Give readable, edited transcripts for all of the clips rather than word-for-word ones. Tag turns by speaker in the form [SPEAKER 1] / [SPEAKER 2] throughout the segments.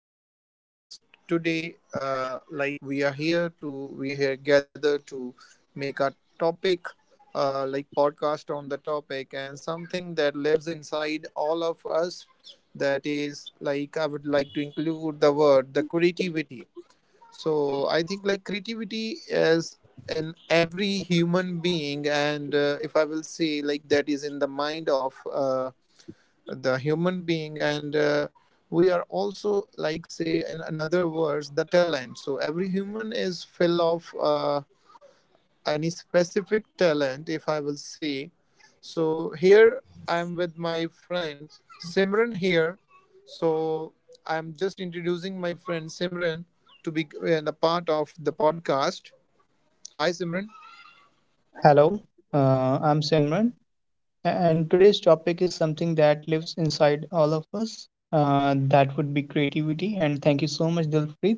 [SPEAKER 1] to our podcast. Today, we are here to we are here gathered to make a topic, podcast on the topic and something that lives inside all of us. That is like I would like to include the word the creativity. So I think like creativity is in every human being, and if I will say like that is in the mind of the human being and we are also like say in another words the talent, so every human is full of any specific talent if I will say. So here I'm with my friend Simran here. So I'm just introducing my friend Simran to be a part of the podcast. Hi Simran.
[SPEAKER 2] Hello, I'm Simran, and today's topic is something that lives inside all of us. That would be creativity. And thank you so much, Dilpreet,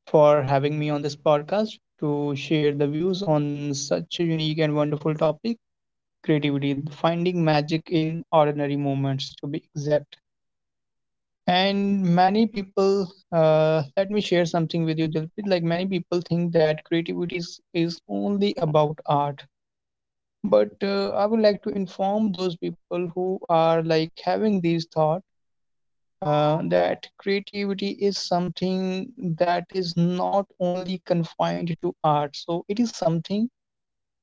[SPEAKER 2] for having me on this podcast to share the views on such a unique and wonderful topic creativity, finding magic in ordinary moments, to be exact. And many people, let me share something with you, Dilpreet. Like many people think that creativity is only about art, but I would like to inform those people who are like having these thought, that creativity is something that is not only confined to art. So it is something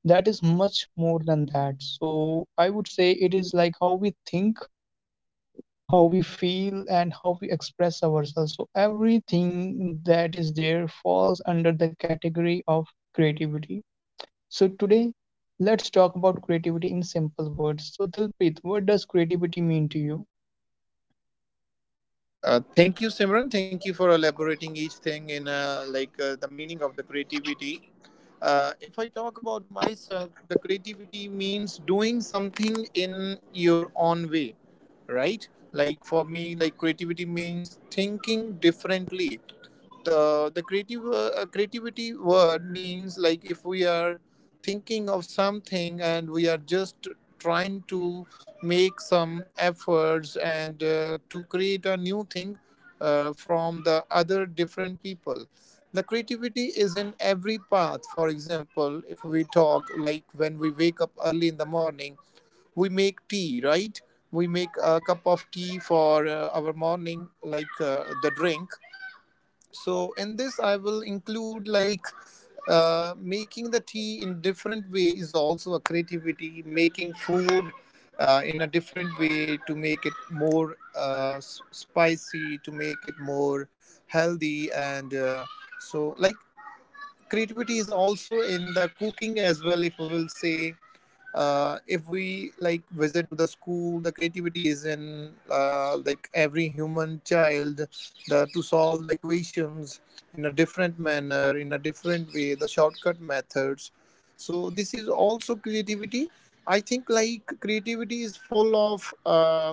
[SPEAKER 2] that is much more than that. So I would say it is like how we think, how we feel, and how we express ourselves. So everything that is there falls under the category of creativity. So, today, let's talk about creativity in simple words. So, Dilpreet, what does creativity mean to you?
[SPEAKER 1] Thank you, Simran. Thank you for elaborating each thing in the meaning of the creativity. If I talk about myself, the creativity means doing something in your own way, right? Like for me, like creativity means thinking differently. Uh, the creative uh, uh, creativity word means like if we are thinking of something and we are just trying to make some efforts and to create a new thing from the other different people. The creativity is in every path. For example, if we talk like when we wake up early in the morning, we make tea, right? We make a cup of tea for our morning, the drink. So in this, I will include like making the tea in different way is also a creativity. Making food in a different way to make it more spicy, to make it more healthy, and so like creativity is also in the cooking as well. If we will say, if we like visit to the school, the creativity is in like every human child, to solve the equations in a different manner, in a different way, the shortcut methods. So this is also creativity. I think like creativity is full of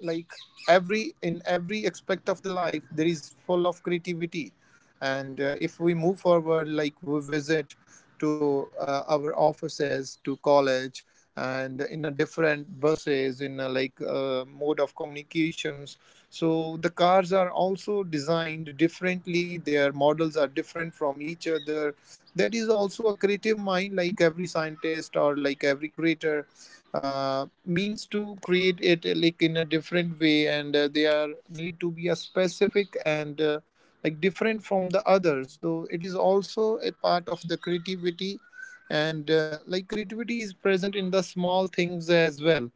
[SPEAKER 1] like every, in every aspect of the life there is full of creativity. And if we move forward, like we visit to our offices, to college, and in a different buses in a like mode of communications. So the cars are also designed differently, their models are different from each other. That is also a creative mind, like every scientist or like every creator means to create it like in a different way, and they are need to be a specific and like different from the others, so it is also a part of the creativity. And like creativity is present in the small things as well.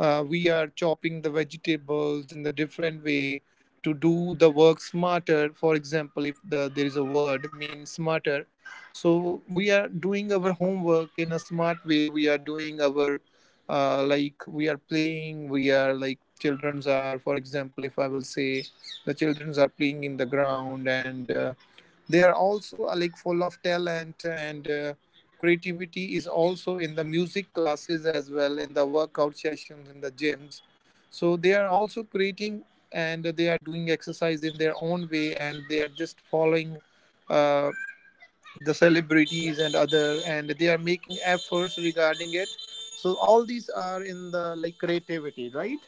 [SPEAKER 1] We are chopping the vegetables in the different way to do the work smarter. For example, if the, there is a word mean smarter, so we are doing our homework in a smart way. We are doing our like we are playing we are like children's are, for example if I will say, the children's are playing in the ground, and they are also like full of talent. And creativity is also in the music classes as well, in the workout sessions in the gyms. So they are also creating, and they are doing exercise in their own way, and they are just following uh, the celebrities and other, and they are making efforts regarding it. So all these are in the like creativity, right?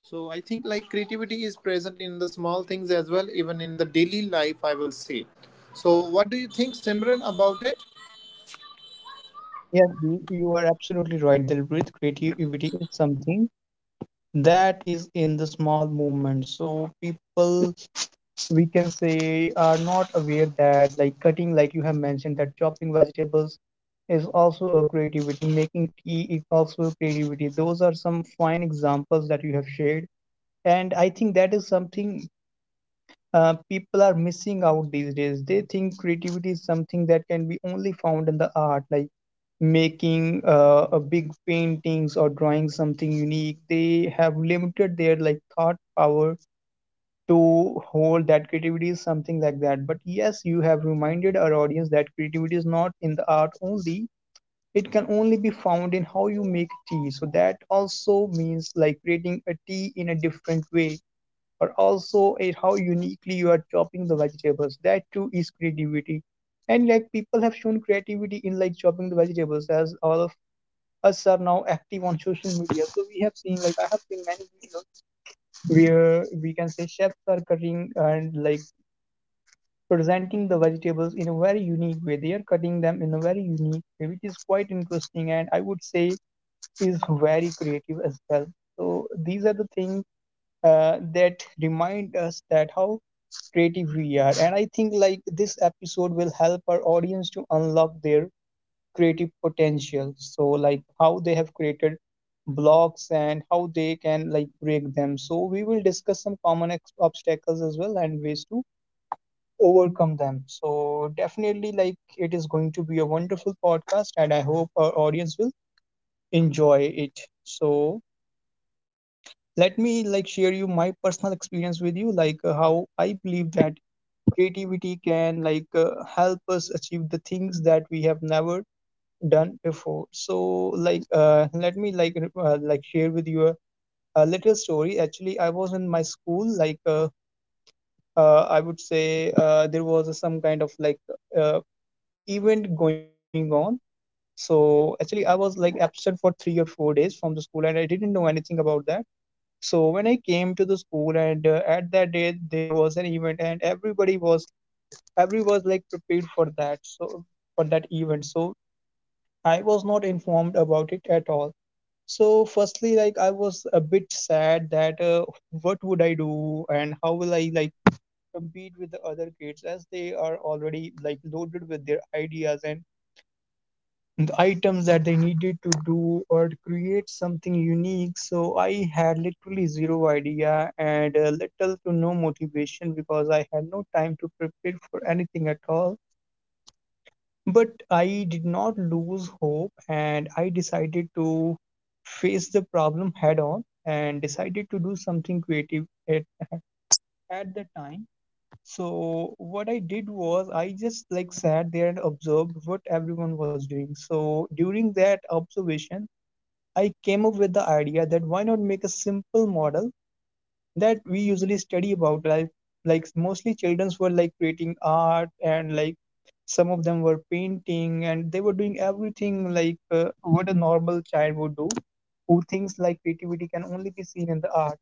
[SPEAKER 1] So I think like creativity is present in the small things as well, even in the daily life, I will say. So what do you think, Simran, about it?
[SPEAKER 2] Yes, you are absolutely right, Dilpreet. Creativity is something that is in the small movements. So people, we can say, are not aware that like cutting, like you have mentioned, that chopping vegetables is also a creativity. Making tea is also a creativity. Those are some fine examples that you have shared. And I think that is something people are missing out these days. They think creativity is something that can be only found in the art, like making a big paintings or drawing something unique. They have limited their like thought power to hold that creativity is something like that. But yes, you have reminded our audience that creativity is not in the art only. It can only be found in how you make tea. So that also means like creating a tea in a different way but also at how uniquely you are chopping the vegetables. That too is creativity. And like people have shown creativity in like chopping the vegetables as all of us are now active on social media. So we have seen like I have seen many videos where we can say chefs are cutting and like presenting the vegetables in a very unique way. They are cutting them in a very unique way, which is quite interesting and I would say is very creative as well. So these are the things that remind us that how creative we are. And I think like this episode will help our audience to unlock their creative potential, so like how they have created blocks and how they can like break them. So we will discuss some common obstacles as well and ways to overcome them. So definitely like it is going to be a wonderful podcast and I hope our audience will enjoy it. So let me like share you my personal experience with you, like how I believe that creativity can like help us achieve the things that we have never done before. So like let me like share with you a little story. Actually I was in my school, like I would say, there was a some kind of like uh, event going on. So actually I was like absent for 3 or 4 days from the school and I didn't know anything about that. So when I came to the school and at that day there was an event and every was like prepared for that event. So I was not informed about it at all. So firstly like I was a bit sad that, what would I do and how will I like compete with the other kids as they are already like loaded with their ideas and the items that they needed to do or create something unique. So I had literally zero idea and little to no motivation because I had no time to prepare for anything at all. But I did not lose hope and I decided to face the problem head on and decided to do something creative at the time. So what I did was I just like sat there and observed what everyone was doing. So during that observation, I came up with the idea that why not make a simple model that we usually study about life. Like mostly childrens were like creating art and like some of them were painting and they were doing everything like what a normal child would do who thinks like creativity can only be seen in the art.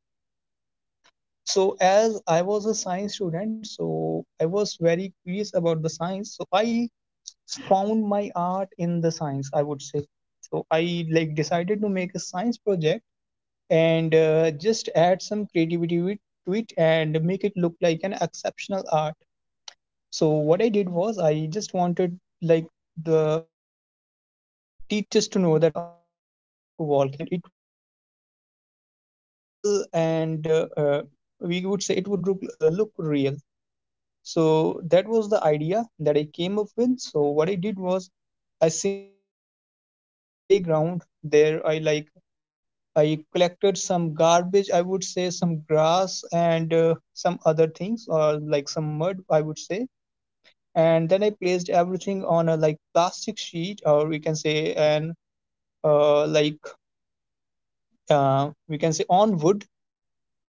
[SPEAKER 2] So as I was a science student, so I was very curious about the science, so I found my art in the science, I would say. So I like decided to make a science project and just add some creativity to it and make it look like an exceptional art. So what I did was I just wanted like the teachers to know that I'm going to make a volcano and it would look like real and we would say it would look real. So that was the idea that I came up with. So what I did was I simply went to the playground. There, I collected some garbage, I would say some grass and some other things, or like some mud, I would say. And then I placed everything on a like plastic sheet, or we can say an uh, like we can say on wood.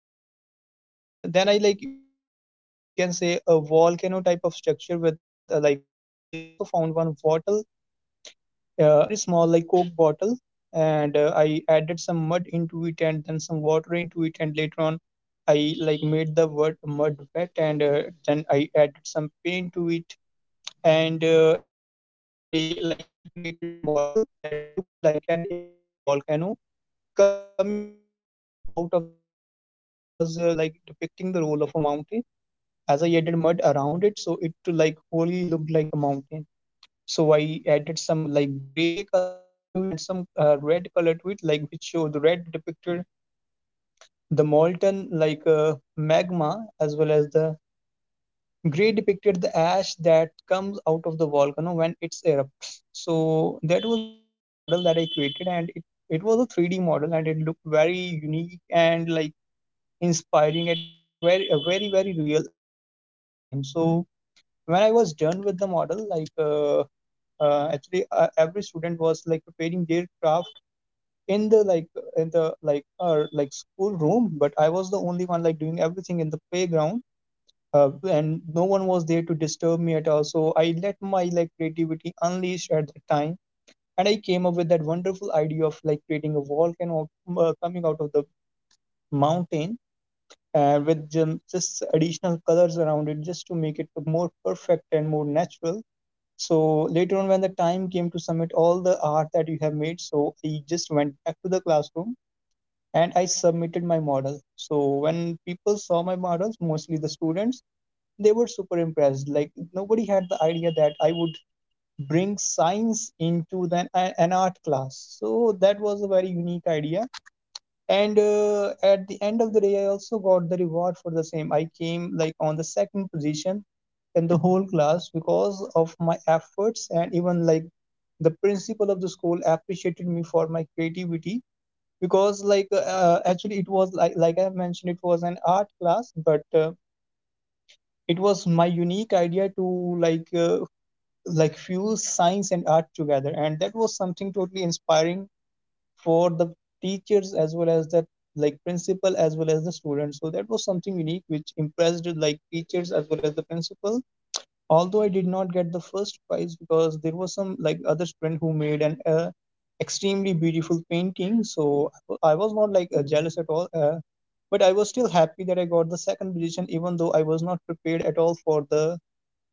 [SPEAKER 2] And Then I like made a we can say a volcano type of structure with, like I also found one water a very small like coke bottle and I added some mud into it and then some water into it, and later on I like made the word mud wet and then I added some paint to it. And at the end of the day like I created a model that looked like an exact volcano coming out of the mountain. So the bottle that I picked was like depicting the role of a mountain, as I added mud around it, so it like wholly looked like a mountain. So I added some like gray color to it and some red color to it, like which show the red depicted the molten like magma, as well as the gray depicted the ash that comes out of the volcano when it's erupts. So that was the kind of model that I created, and it was a 3D model and it looked very unique and like inspiring. It looked very very real at that time. So when I was done with the model, like actually every student was like preparing their craft in the like in the like, like school room, but I was the only one like doing everything in the playground. And no one was there to disturb me at all, so I let my like creativity unleash at that time. And I came up with that wonderful idea of like creating a volcano coming out of the mountain, with just additional colors around it just to make it more perfect and more natural. So later on, when the time came to submit all the art that you have made, so I just went back to the classroom and I submitted my model. So when people saw my models, mostly the students, they were super impressed. Like nobody had the idea that I would bring science into the, an art class. So that was a very unique idea. And at the end of the day I also got the reward for the same. I came like on the second position in the whole class because of my efforts. And even like the principal of the school appreciated me for my creativity, because like actually it was like I have mentioned, it was an art class, but it was my unique idea to like uh, like fuse science and art together, and that was something totally inspiring for the teachers as well as the like principal as well as the students. So that was something unique which impressed like teachers as well as the principal. Although I did not get the first prize because there was some like other student who made an extremely beautiful painting. So I was not like jealous at all. But I was still happy that I got the second position, even though I was not prepared at all for the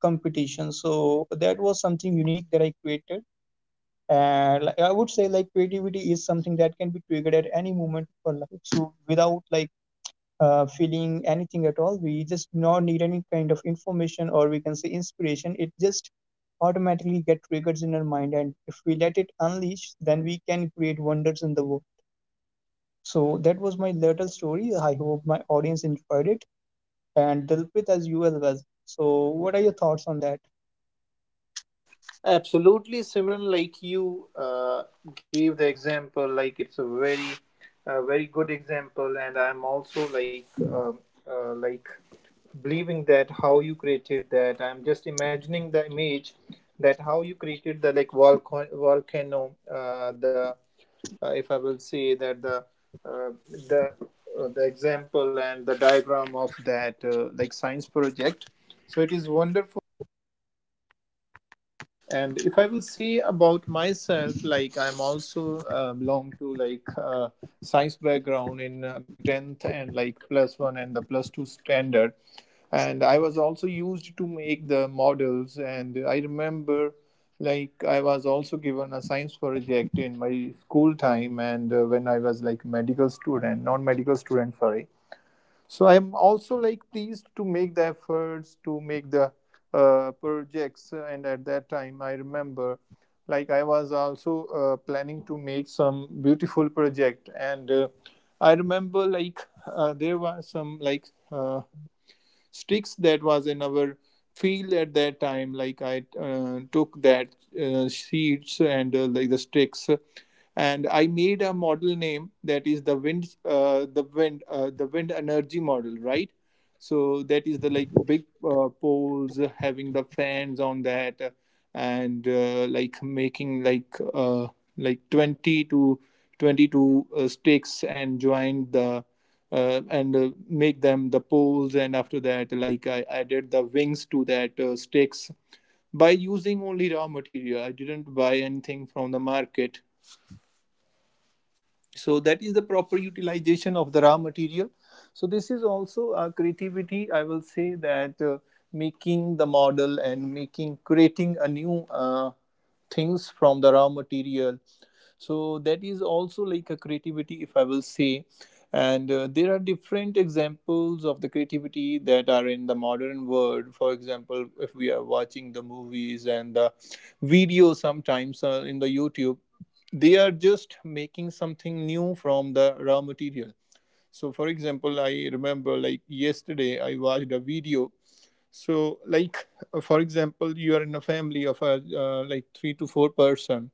[SPEAKER 2] competition. So that was something unique that I created, and like, I would say like creativity is something that can be triggered at any moment of our life. So without like feeling anything at all, we just not need any kind of information, or we can say inspiration. It just automatically get triggers in our mind, and if we let it unleash, then we can create wonders in the world. So that was my little story. I hope my audience enjoyed it, and Dilpit, as you as well. So what are your thoughts on that?
[SPEAKER 1] Absolutely, Simran. Like you gave the example, like it's a very good example, and I'm also um uh, like believing that how you created that. I'm just imagining the image that how you created the like volcano, the if I will see that uh, the the example and the diagram of that like science project, so it is wonderful. And if I will say about myself, like I'm also belong to like science background in my tenth and like plus one and the plus two standard, and I was also used to make the models. And I remember, like I was also given a science project in my school time, and when I was like medical student, non-medical student, sorry. So I'm also like pleased to make the efforts to make the projects. And at that time, I remember, like I was also planning to make some beautiful project. And I remember, like there were some like sticks that was in our field at that time. Like I took that seeds and like the sticks, and I made a model name, that is the wind the wind the wind energy model, right? So that is the like big poles having the fans on that, and like making like 20 to 22 sticks, and joined the and make them the poles. And after that, like I added the wings to that sticks by using only raw material. I didn't buy anything from the market, so that is the proper utilization of the raw material. So this is also a creativity, I will say, that making the model and making, creating a new things from the raw material, so that is also like a creativity if I will say. And there are different examples of the creativity that are in the modern world. For example, if we are watching the movies and the video sometimes in the YouTube, they are just making something new from the raw material. So for example, I remember like yesterday I watched a video. So like for example, you are in a family of a like 3 to 4 person,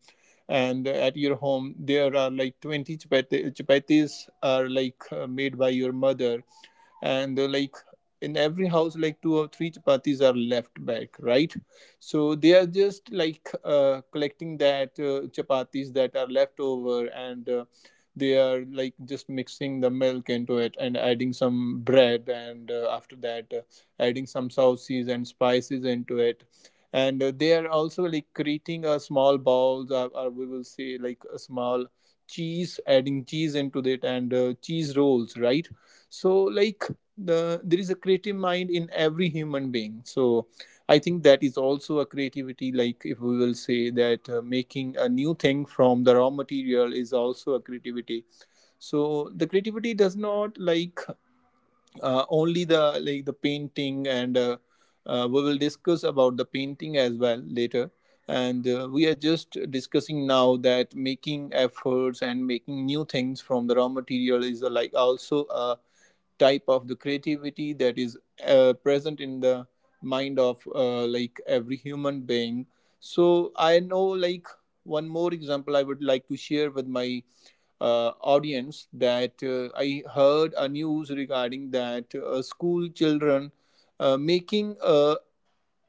[SPEAKER 1] and at your home there are like 20 chapatis. Chapatis are like made by your mother, and like in every house like two or three chapatis are left back, right? So they are just like collecting that chapatis that are left over, and they are like just mixing the milk into it and adding some bread, and after that adding some sauces and spices into it, and they are also like creating a small balls, or we will say like a small cheese, adding cheese into it, and cheese rolls, right? So like there is a creative mind in every human being. So I think that is also a creativity, like if we will say that making a new thing from the raw material is also a creativity. So the creativity does not like only the like the painting, and we will discuss about the painting as well later. And we are just discussing now that making efforts and making new things from the raw material is like also a type of the creativity, that is present in the mind of like every human being. So I know like one more example I would like to share with my audience, that I heard a news regarding that school children making a,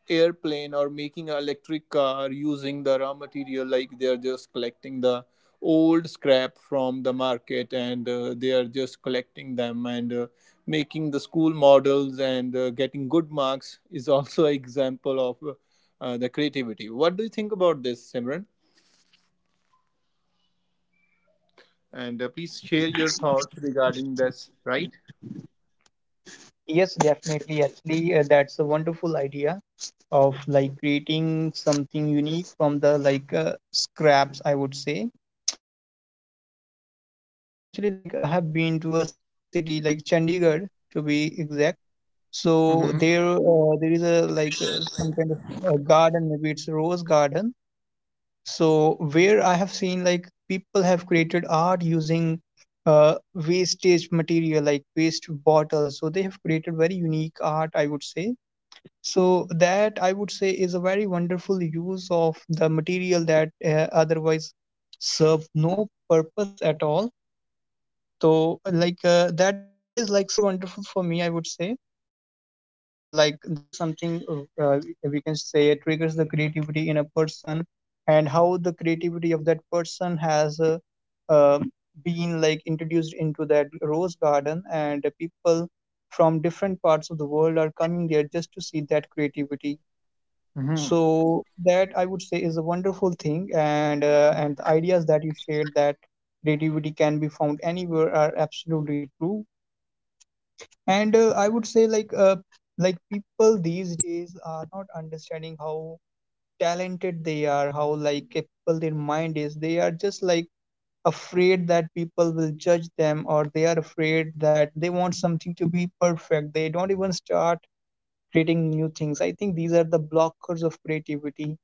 [SPEAKER 1] airplane, or making an electric car using the raw material. Like they're just collecting the old scrap from the market, and they are just collecting them, and making the school models, and getting good marks is also an example of the creativity. What do you think about this, Simran? And please share your thoughts regarding this, right?
[SPEAKER 2] Yes, definitely, actually, that's a wonderful idea of like creating something unique from the like scraps, I would say. And like I have seen, actually, like I have been to a city like Chandigarh, to be exact. So
[SPEAKER 1] Mm-hmm.
[SPEAKER 2] there is a like some kind of garden, maybe it's a rose garden. So where I have seen like people have created art using uh, wastage material like waste bottles. So they have created very unique art, I would say. So that, I would say, is a very wonderful use of the material that otherwise serve no purpose at all. So like that is like super wonderful for me, I would say, as like that is something, we can say it triggers the creativity in a person, and how the creativity of that person has uh, been like introduced into that rose garden, and people from different parts of the world are coming there just to see that creativity.
[SPEAKER 1] Mm-hmm.
[SPEAKER 2] So that, I would say, is a wonderful thing, and the ideas that you shared that creativity can be found anywhere are absolutely true. And I would say like people these days are not understanding how talented they are, how like capable their mind is. They are just like afraid that people will judge them, or they are afraid that they want something to be perfect. They don't even start creating new things. I think these are the blockers of creativity.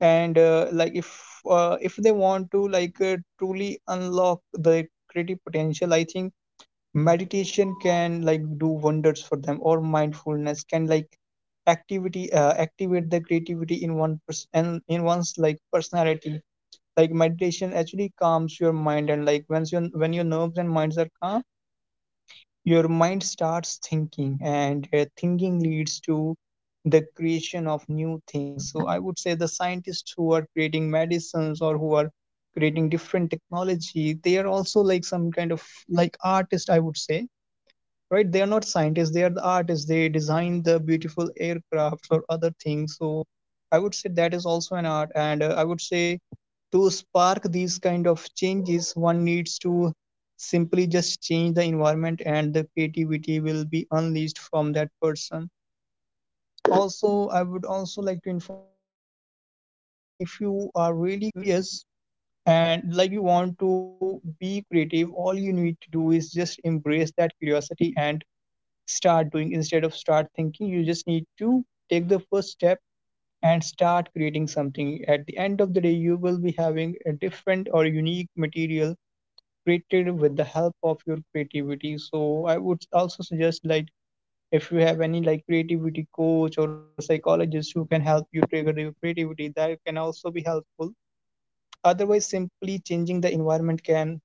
[SPEAKER 2] And like if they want to like truly unlock the creative potential, I think meditation can like do wonders for them, or mindfulness can like activity activate the creativity in one person, in one's like personality. Like meditation actually calms your mind, and like once your when your nerves and minds are calm, your mind starts thinking, and thinking leads to the creation of new things. So, I would say the scientists who are creating medicines, or who are creating different technology, they are also like some kind of like artist, I would say. Right, they are not scientists, they are the artists. They design the beautiful aircrafts or other things. So I would say that is also an art. And I would say to spark these kind of changes one needs to simply just change the environment, and the creativity will be unleashed from that person. Also, I would also like to inform the audience that if you are really curious and like you want to be creative, all you need to do is just embrace that curiosity and start doing instead of start thinking. You just need to take the first step and start creating something. At the end of the day, you will be having a different or unique material created with the help of your creativity. So I would also suggest like if you have any like creativity coach or a psychologist who can help you trigger your creativity, that can also be helpful. Otherwise, simply changing the environment can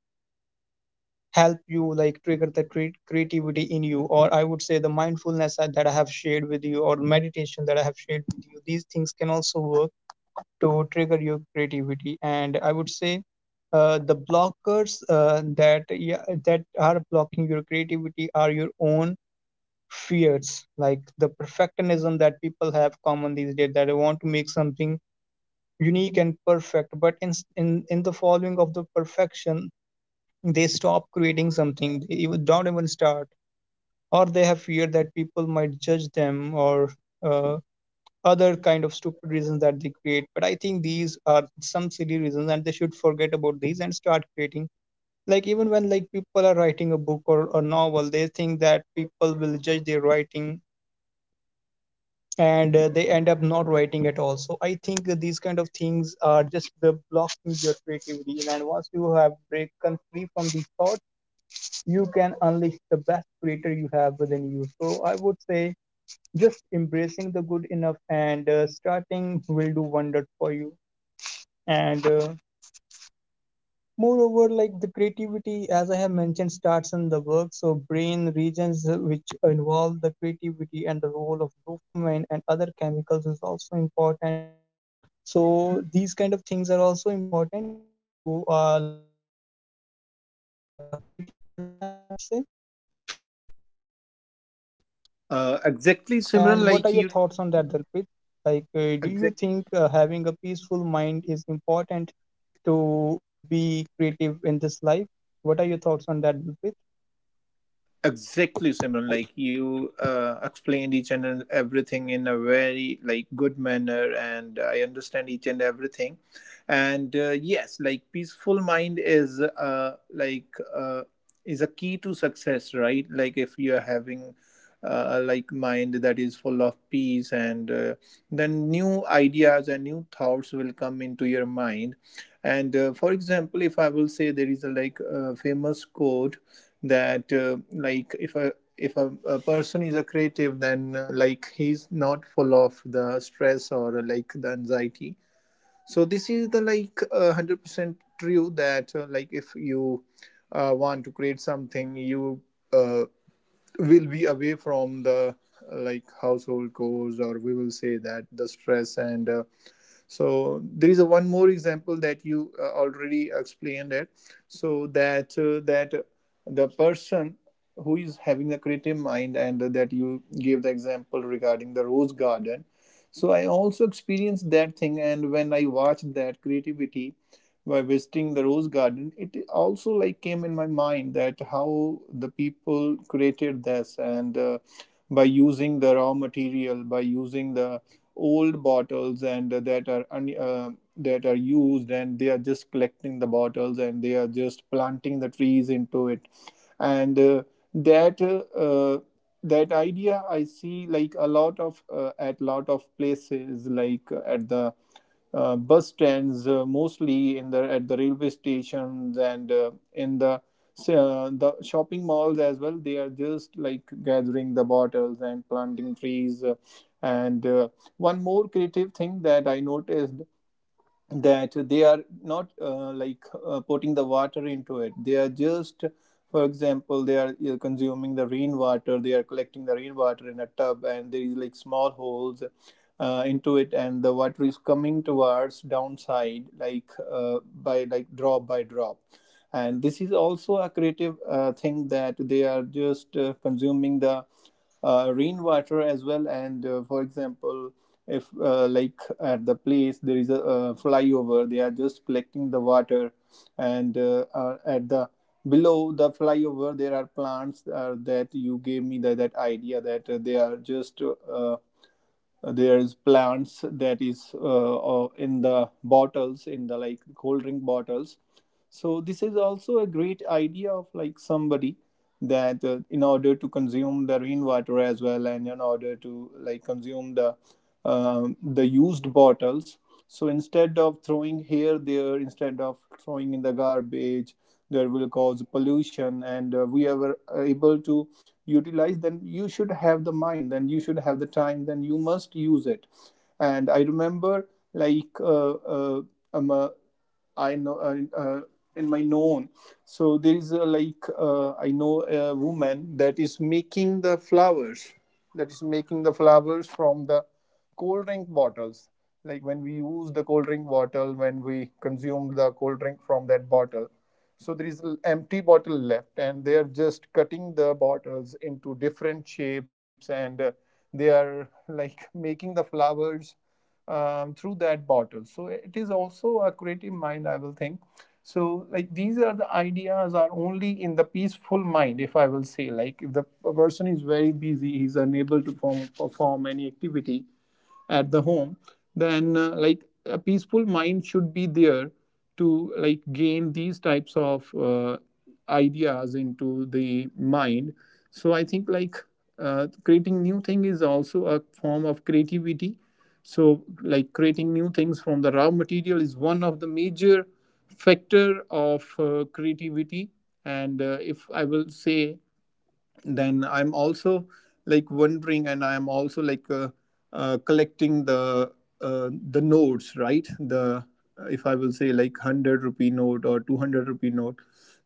[SPEAKER 2] help you like trigger the creativity in you. Or I would say the mindfulness that I have shared with you, or meditation that I have shared with you, these things can also work to trigger your creativity. And I would say the blockers, that, yeah, that are blocking your creativity are your own fears, like the perfectionism that people have common these days, that they want to make something unique and perfect, but in the following of the perfection, they stop creating something. They even don't even start, or they have fear that people might judge them, or uh, other kind of stupid reasons that they create. But I think these are some silly reasons, and they should forget about these and start creating. Like, even when like people are writing a book or a novel, they think that people will judge their writing, and they end up not writing at all. So I think that these kind of things are just the blocking your creativity, and once you have break come free from these thoughts, you can unleash the best creator you have within you. So I would say just embracing the good enough and starting will do wonders for you. And moreover, like the creativity, as I have mentioned, starts in the work. So brain regions which involve the creativity and the role of dopamine and other chemicals is also important. So these kind of things are also important if you are looking to be a creative person, I would say. And what are
[SPEAKER 1] Exactly,
[SPEAKER 2] your thoughts
[SPEAKER 1] Simran,
[SPEAKER 2] on that,
[SPEAKER 1] like you
[SPEAKER 2] Dalpit? Like, do you think
[SPEAKER 1] exactly.
[SPEAKER 2] having a peaceful mind is important to be creative in this life? What are your thoughts on that, Dalpit?
[SPEAKER 1] Exactly, Simran. Like you explained each and everything in a very like good manner, and I understand each and everything. And yes, like peaceful mind is is a key to success, right? Like if you are having like mind that is full of peace, and then new ideas and new thoughts will come into your mind. And For example, if I will say there is a famous quote that like if a a person is a creative, then like he's not full of the stress or like the anxiety. So this is the 100% true that like if you want to create something, you uh, will be away from the like household chores, or we will say that the stress. And So there is a one more example that you already explained it. So that the person who is having a creative mind, and that you gave the example regarding the rose garden. So I also experienced that thing, and when I watched that creativity by visiting the rose garden, it also like came in my mind that how the people created this. And By using the raw material, by using the old bottles, and that are used, and they are just collecting the bottles and they are just planting the trees into it. And that uh, uh, that idea I see like a lot of at lot of places, like at the bus stands, mostly in the at the railway stations, and in the shopping malls as well. They are just like gathering the bottles and planting trees. And One more creative thing that I noticed, that they are not putting the water into it. They are just, for example, they are consuming the rainwater. They are collecting the rainwater in a tub, and there is like small holes into it, and the water is coming towards downside, like by like drop by drop. And this is also a creative thing that they are just consuming the rainwater as well. And For example, if like at the place there is a flyover, they are just collecting the water, and at the below the flyover there are plants that you gave me that idea, that they are just there's plants that is in the bottles, in the like cold drink bottles. So this is also a great idea of like somebody, that in order to consume the rainwater as well, and in order to like consume the used bottles. So instead of throwing here there, instead of throwing in the garbage, there will cause pollution, and we are able to utilize. Then you should have the mind, then you should have the time, then you must use it. And I remember like um, uh, I know in my known. So there is a I know a woman that is making the flowers, from the cold drink bottles. Like when we use the cold drink bottle, when we consume the cold drink from that bottle, so there is an empty bottle left, and they are just cutting the bottles into different shapes, and they are like making the flowers through that bottle. So it is also a creative mind, I will think. So like these are the ideas are only in the peaceful mind, if I will say. Like if the person is very busy, he's unable to perform any activity at the home, then like a peaceful mind should be there to like gain these types of ideas into the mind. So I think like creating new thing is also a form of creativity. So like creating new things from the raw material is one of the major factor of creativity. And If I will say, then I'm also like wondering, and I'm also like collecting the notes, right? The, if I will say, like 100 rupee note or 200 rupee note.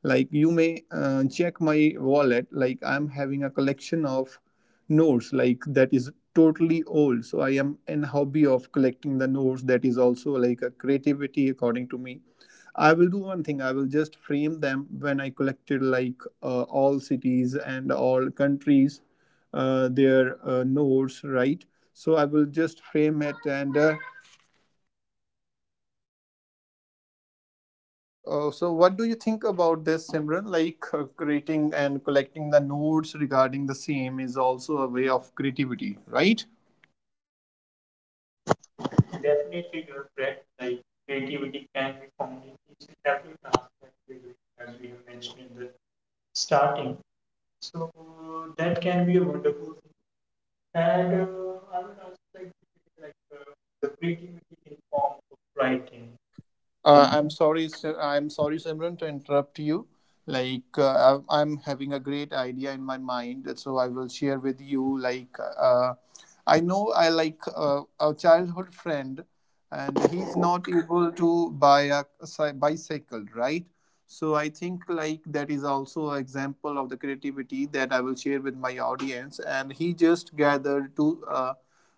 [SPEAKER 1] Like you may check my wallet. Like I'm having a collection of notes like that is totally old. So I am in hobby of collecting the notes. That is also like a creativity, according to me. I will do one thing. I will just frame them when I collected like all cities and all countries, their nodes, right? So I will just frame it. And So, what do you think about this, Simran? Like creating and collecting the nodes regarding the same is also a way of creativity, right?
[SPEAKER 2] Definitely, you're correct. Like, creativity can be found in each and every task that we do, as we have mentioned in the starting. So that can be a wonderful thing. And I would also like to say, like the creativity in form of writing.
[SPEAKER 1] I'm sorry, I'm sorry, Simran, to interrupt you. Like, I'm having a great idea in my mind, so I will share with you. Like, I know I like a childhood friend, and he's not able to buy a bicycle, right? So I think like that is also an example of the creativity that I will share with my audience. And he just gathered two uh,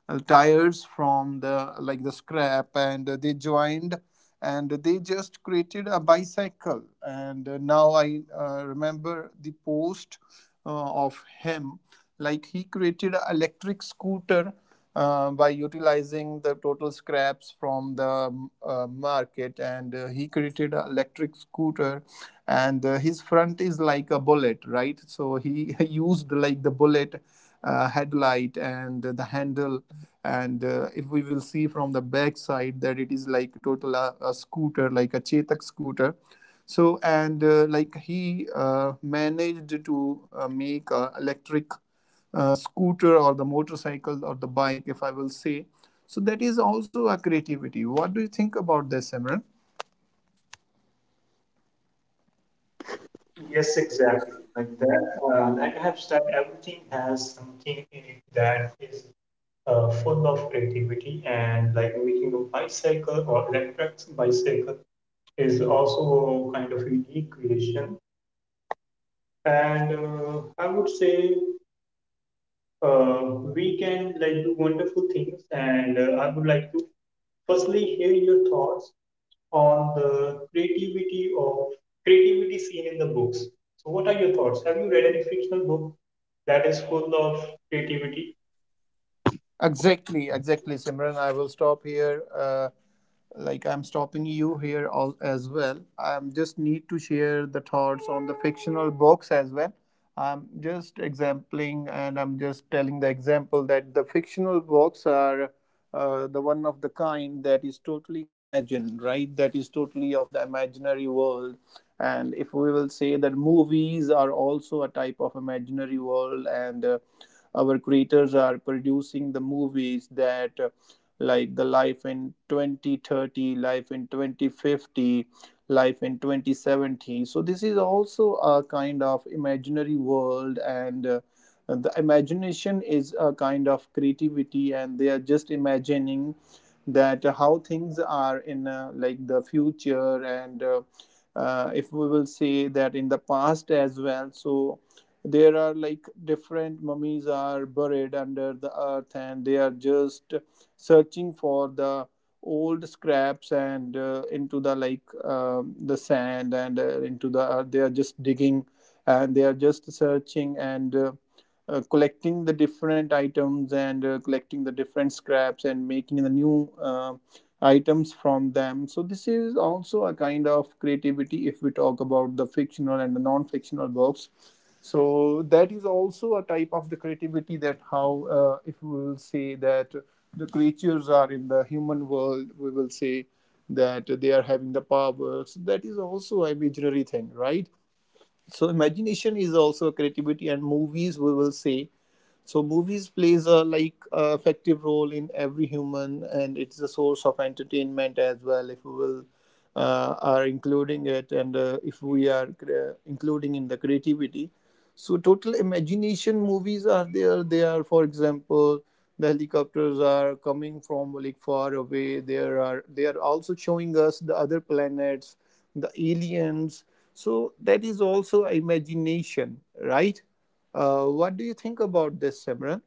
[SPEAKER 1] uh, tires from the like the scrap, and they joined and they just created a bicycle. And Now I remember the post of him, like he created an electric scooter by utilizing the total scraps from the market, and he created an electric scooter. And His front is like a bullet, right? So he used like the bullet headlight and the handle. And If we will see from the back side, that it is like total a scooter like a Chetak scooter. So and uh, like he managed to make a electric scooter or the motorcycle or the bike, if I will say. So that is also a creativity. What do you think about this, Simran?
[SPEAKER 2] Yes, exactly, like that. Like I have said, everything has something in it that is full of creativity, and like making a bicycle or electric bicycle is also kind of unique creation. And I would say we can like do wonderful things. And I would like to firstly hear your thoughts on the creativity of creativity seen in the books. So, what are your thoughts? Have you read any fictional book that is full of creativity?
[SPEAKER 1] Exactly, exactly, Simran. I will stop here. Like I'm stopping you here all, as well. I just need to share the thoughts on the fictional books as well. I'm just exempling, and I'm just telling the example that the fictional books are the one of the kind that is totally imagined, right? That is totally of the imaginary world. And if we will say that movies are also a type of imaginary world, and our creators are producing the movies that like the life in 2030, life in 2050, life in 2070. So this is also a kind of imaginary world, and the imagination is a kind of creativity, and they are just imagining that how things are in like the future. And If we will say that in the past as well, so there are like different mummies are buried under the earth, and they are just searching for the old scraps, and into the like the sand, and into the earth. They are just digging, and they are just searching, and collecting the different items, and collecting the different scraps, and making the new items from them. So this is also a kind of creativity, if we talk about the fictional and the non-fictional books. So that is also a type of the creativity, that how if we will say that the creatures are in the human world, we will say that they are having the powers, that is also a imaginary thing, right? So imagination is also a creativity, and movies we will say. So movies plays a effective role in every human, and it's a source of entertainment as well. If we will are including it, and if we are including in the creativity, so total imagination movies are there. They are, for example, the helicopters are coming from like far away. There are, they are also showing us the other planets, the aliens. So that is also imagination, right? What do you think about this, Simran?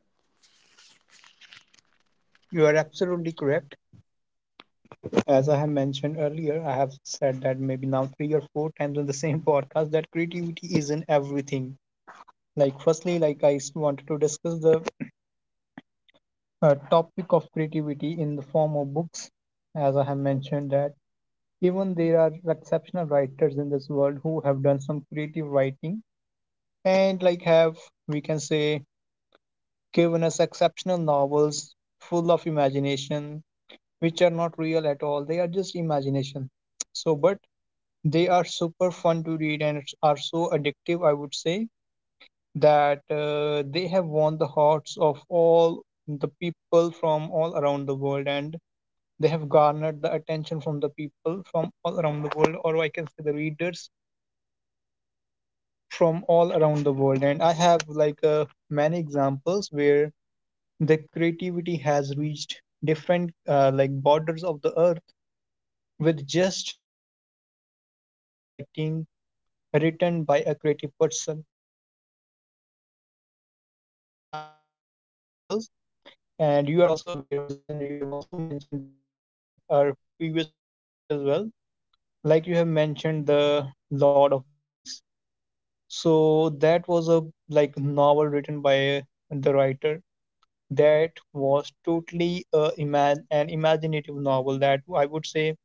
[SPEAKER 2] You are absolutely correct. As I have mentioned earlier, I have said that maybe now three or four times in the same podcast that creativity is in everything. Like, firstly, like I wanted to discuss the topic of creativity in the form of books. As I have mentioned that even there are exceptional writers in this world who have done some creative writing, and like have, we can say, given us exceptional novels full of imagination, which are not real at all, they are just imagination. So but they are super fun to read and are so addictive, I would say, that they have won the hearts of all the people from all around the world, and they have garnered the attention from the people from all around the world, or I can say the readers from all around the world. And I have like many examples where the creativity has reached different like borders of the earth, with just a simple writing written by a creative person. And in today's podcast, I would like to share a few examples. And you are also aware of that, and you have also mentioned these in like our previous podcast as well. Like you have mentioned the Lord of the Rings. So that was a like novel written by the writer that was totally an imaginative novel that, I would say,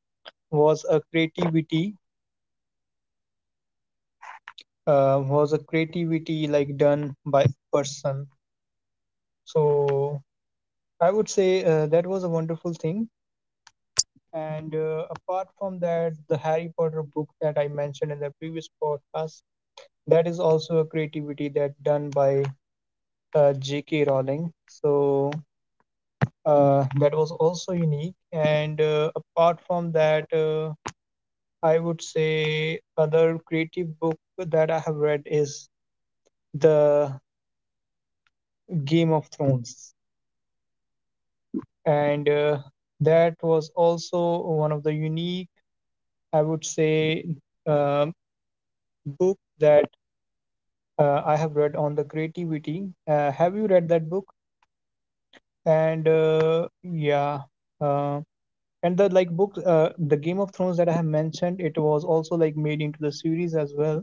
[SPEAKER 2] was a creativity was a creativity like done by a person. So I would say that was a wonderful thing. And apart from that, the Harry Potter book that I mentioned in the previous podcast, that is also a creativity that done by JK Rowling. So that was also unique. And apart from that, I would say other creative book that I have read is the Game of Thrones. And that was also one of the unique, I would say, um book that I have read on the creativity. Have you read that book? And yeah. uh, and the like book, the Game of Thrones that I have mentioned, it was also like made into the series as well.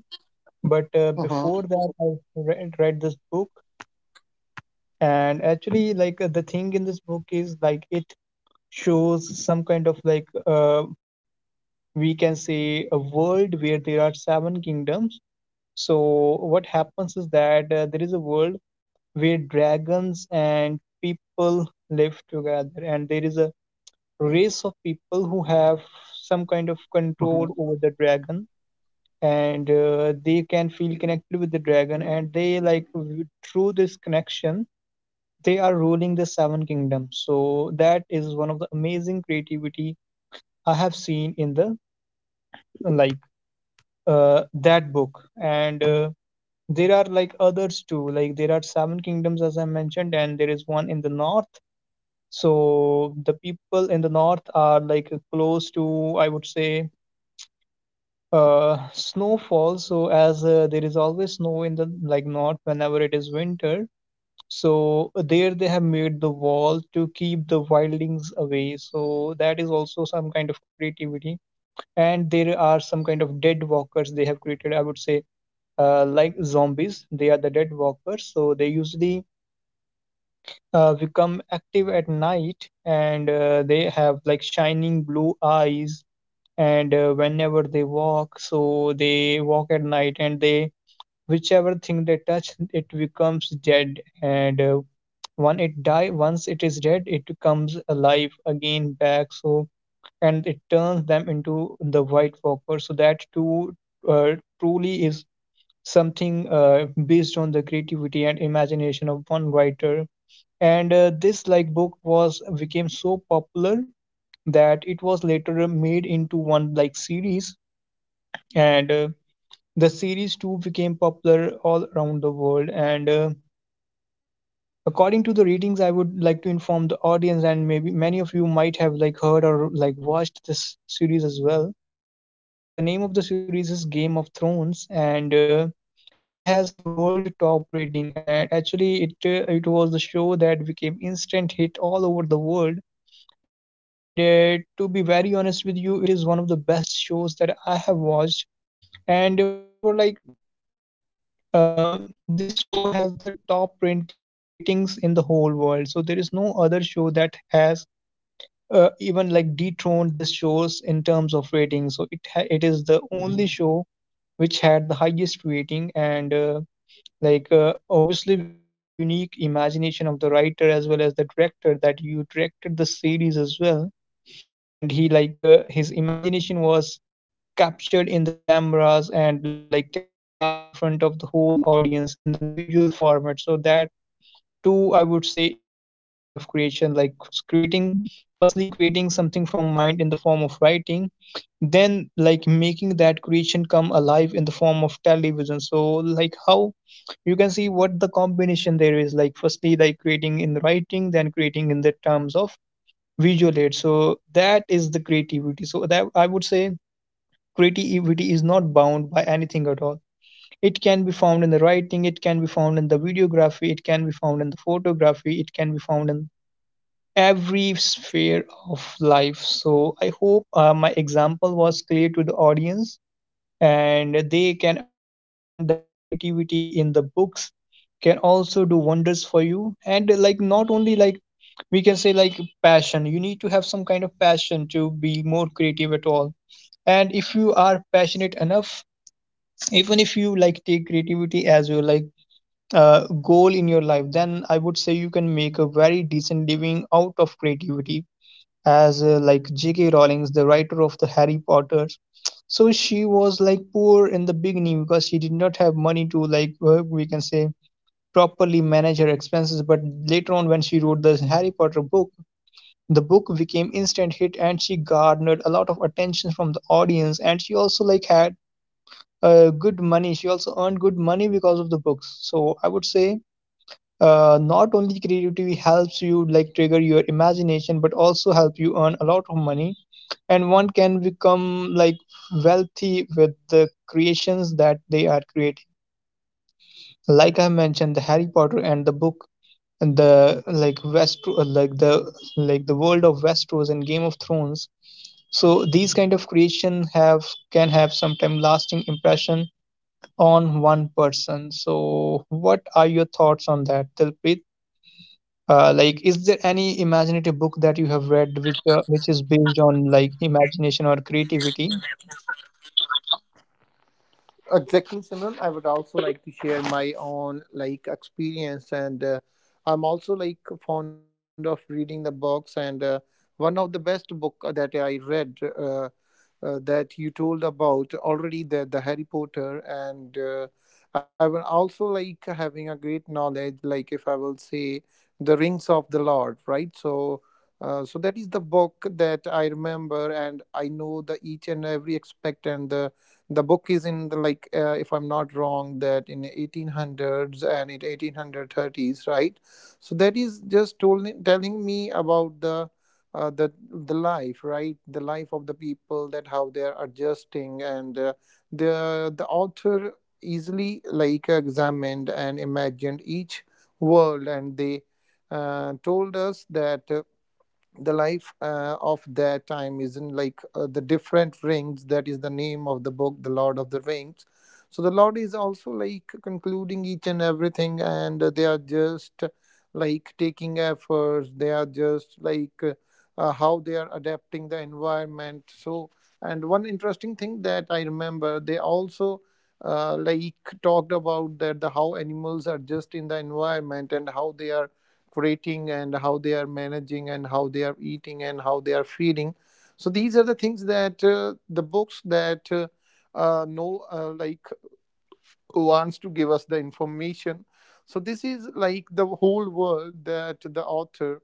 [SPEAKER 2] But before
[SPEAKER 1] Uh-huh.
[SPEAKER 2] that, I read this book. And actually like the thing in this book is like it shows some kind of like we can say a world where there are seven kingdoms. So what happens is that there is a world where dragons and people live together, and there is a race of people who have some kind of control
[SPEAKER 1] Uh-huh.
[SPEAKER 2] over the dragon, and they can feel connected with the dragon, and they like through this connection they are ruling the seven kingdoms. So that is one of the amazing creativity I have seen in the like that book and there are like others too. Like there are seven kingdoms as I mentioned, and there is one in the north. So the people in the north are like close to, I would say, snowfall, so as there is always snow in the like north whenever it is winter. So there they have made the wall to keep the wildlings away, so that is also some kind of creativity. And there are some kind of dead walkers they have created, I would say, like zombies. They are the dead walkers, so they usually become active at night, and they have like shining blue eyes. And whenever they walk, so they walk at night, and they whichever thing they touch, it becomes dead. And when it die, once it is dead, it comes alive again back. So and it turns them into the white walker. So that too uh, truly is something based on the creativity and imagination of one writer. And this like book was became so popular that it was later made into one like series. And the series too became popular all around the world. And according to the ratings, I would like to inform the audience, and maybe many of you might have like heard or like watched this series as well. So the name of the series is Game of Thrones, and it has the world top rating. And actually, it was the show that became instant hit all over the world. And to be very honest with you, it is one of the best shows that I have watched. And moreover, uh, this show has the top rating ratings in the whole world. So there is no other show that has even like dethroned this shows in terms of ratings. So it it is the only show which had the highest rating and. Obviously because of the unique imagination of the writer as well as the director that you directed the series as well, and he his imagination was captured in the cameras and like telecasted in front of the whole audience in the visual format. So that two, I would say, is some kind of creation, like creating, firstly creating something from mind in the form of writing, then like making that creation come alive in the form of television. So like how you can see what the combination there is, like firstly like creating in writing, then creating in the terms of visual aid. So that is the creativity. So that, I would say, creativity is not bound by anything at all. It can be found in the writing, it can be found in the videography, it can be found in the photography, it can be found in every sphere of life. So I hope my example was clear to the audience, and they can understand that creativity in the books can also do wonders for you. And like not only like we can say like passion, you need to have some kind of passion to be more creative at all. And if you are passionate enough, even if you like take creativity as your goal in your life, then I would say you can make a very decent living out of creativity. As like JK Rowling's the writer of the Harry Potters, so she was like poor in the beginning because she did not have money to we can say properly manage her expenses. But later on when she wrote the Harry Potter book, the book became instant hit, and she garnered a lot of attention from the audience, and she also like had good money. She also earned good money because of the books. So I would say, not only creativity helps you like trigger your imagination, but also help you earn a lot of money. And one can become like wealthy with the creations that they are creating. Like I mentioned, the Harry Potter and the book, and the like the world of Westeros and Game of Thrones. So these kind of creation have, can have sometime lasting impression on one person. So what are your thoughts on that, Dilpreet? Like, is there any imaginative book that you have read which is based on like imagination or creativity?
[SPEAKER 1] Exactly, Simran. I would also like to share my own like experience, and I'm also like fond of reading the books. And One of the best book that I read that you told about already, the Harry Potter, and I will also like having a great knowledge. Like if I will say the Rings of the Lord, right? So. So that is the book that I remember, and I know the each and every aspect and the book is in the, like if I'm not wrong, that in 1800s and in 1830s, right? So that is just telling me about the life, right? The life of the people, that how they are adjusting. And the author easily like examined and imagined each world. And they told us that the life of their time isn't like the different rings, that is the name of the book, The Lord of the Rings. So the Lord is also like concluding each and everything, and they are just like taking efforts. They are just like how they are adapting the environment. So and one interesting thing that I remember, they also like talked about that the how animals adjust in the environment, and how they are creating, and how they are managing, and how they are eating, and how they are feeding. So these are the things that the books that no, like, wants to give us the information. So this is like the whole world that the author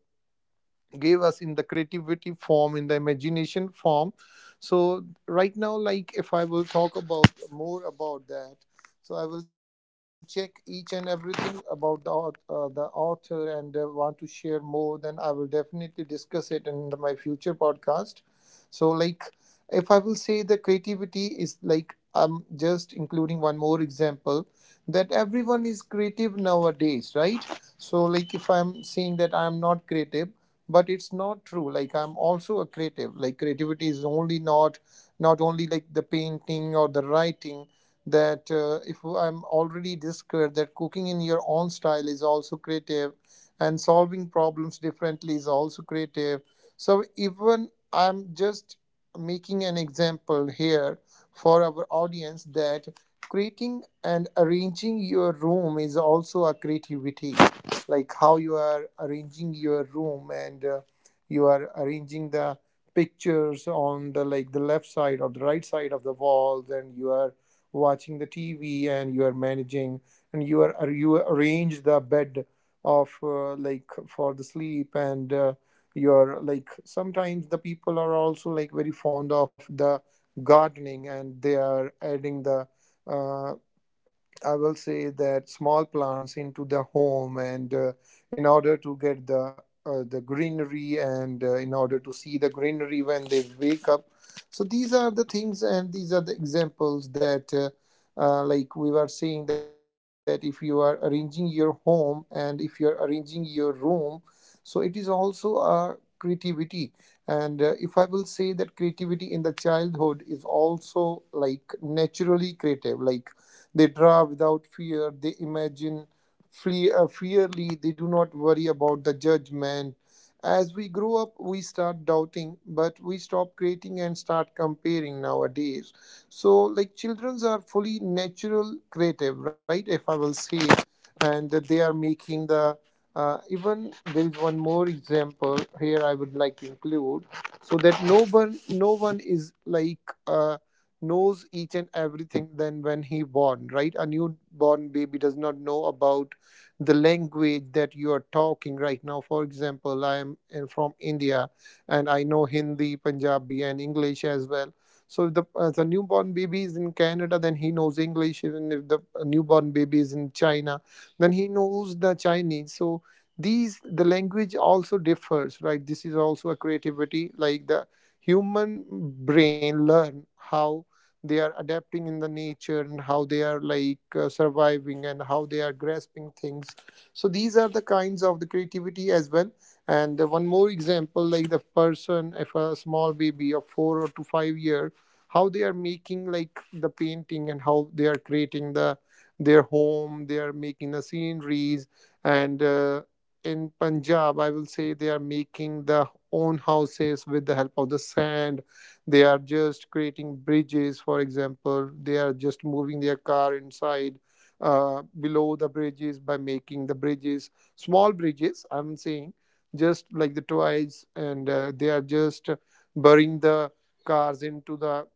[SPEAKER 1] gave us in the creativity form, in the imagination form. So right now, like if I will talk about more about that, so I will check each and everything about the the author, and want to share more. Then I will definitely discuss it in my future podcast. So like, if I will say the creativity is like, I'm just including one more example. That everyone is creative nowadays, right? So like, if I'm saying that I'm not creative, but it's not true. Like, I'm also a creative. Like, creativity is only not not only like the painting or the writing. That if I'm already discovered that cooking in your own style is also creative, and solving problems differently is also creative. So even I'm just making an example here for our audience, that creating and arranging your room is also a creativity. Like how you are arranging your room. And you are arranging the pictures on the like the left side or the right side of the walls, and you are watching the TV, and you are managing. And you are you arrange the bed of like for the sleep. And you're like, sometimes the people are also like very fond of the gardening, and they are adding the uh, I will say that small plants into the home. And in order to get the greenery, and in order to see the greenery when they wake up. So these are the things, and these are the examples that like we were saying, that if you are arranging your home, and if you are arranging your room, so it is also a creativity. And if I will say that creativity in the childhood is also like naturally creative. Like they draw without fear. They imagine freely. They do not worry about the judgment. As we grow up, we start doubting, but we stop creating and start comparing nowadays. So, like, children are fully natural creative, right? If I will say, and they are making the even there is one more example here I would like to include. So that no one is like uh, knows each and everything than when he born, right? A newborn baby does not know about the language that you are talking right now. For example, I am from India, and I know Hindi, Punjabi, and English as well. So if the newborn baby is in Canada, then he knows English. Even if the newborn baby is in China, then he knows the Chinese. So these the language also differs, right? This is also a creativity. Like the human brain learn how they are adapting in the nature, and how they are like surviving, and how they are grasping things. So these are the kinds of the creativity as well. And one more example, like the person, if a small baby of 4 or to 5 year, how they are making like the painting, and how they are creating their home. They are making the sceneries. And in Punjab, I will say, they are making the own houses with the help of the sand. They are just creating bridges, for example. They are just moving their car inside below the bridges by making the bridges, small bridges, I'm saying, just like the toys. And they are just burying the cars into the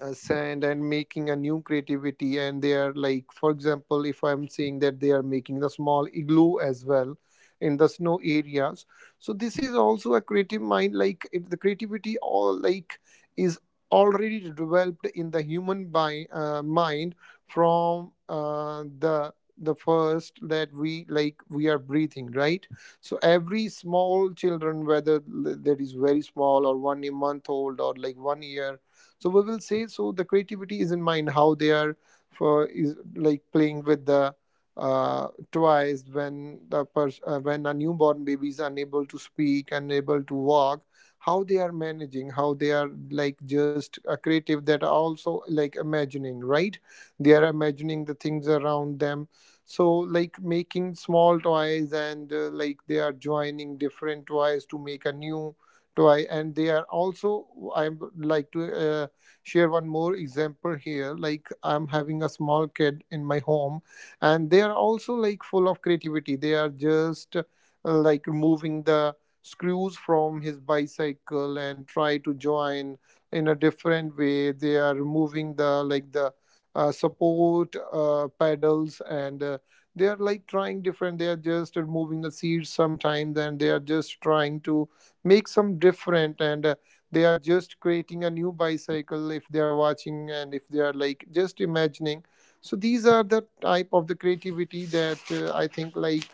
[SPEAKER 1] sand, and making a new creativity. And they are like, for example, if I'm saying that they are making the small igloo as well in the snow areas. So this is also a creative mind. Like the creativity all like is already developed in the human by mind, from the first that we like we are breathing, right? So every small children, whether that is very small or one month old or like one year. So we will say, so the creativity is in mind, how they are for is like playing with the toys. When the when a newborn baby is unable to speak, unable to walk, how they are managing, how they are like just creative, that are also like imagining, right? They are imagining the things around them. So, like, making small toys. And like they are joining different toys to make a new toy. And they are also, I would like to share one more example here. Like, I'm having a small kid in my home, and they are also like full of creativity. They are just like removing the screws from his bicycle, and try to join in a different way. They are removing the like the support pedals. And they are like trying different. They are just removing the seats sometimes, and they are just trying to make some different. And they are just creating a new bicycle, if they are watching, and if they are like just imagining. So these are the type of the creativity that I think like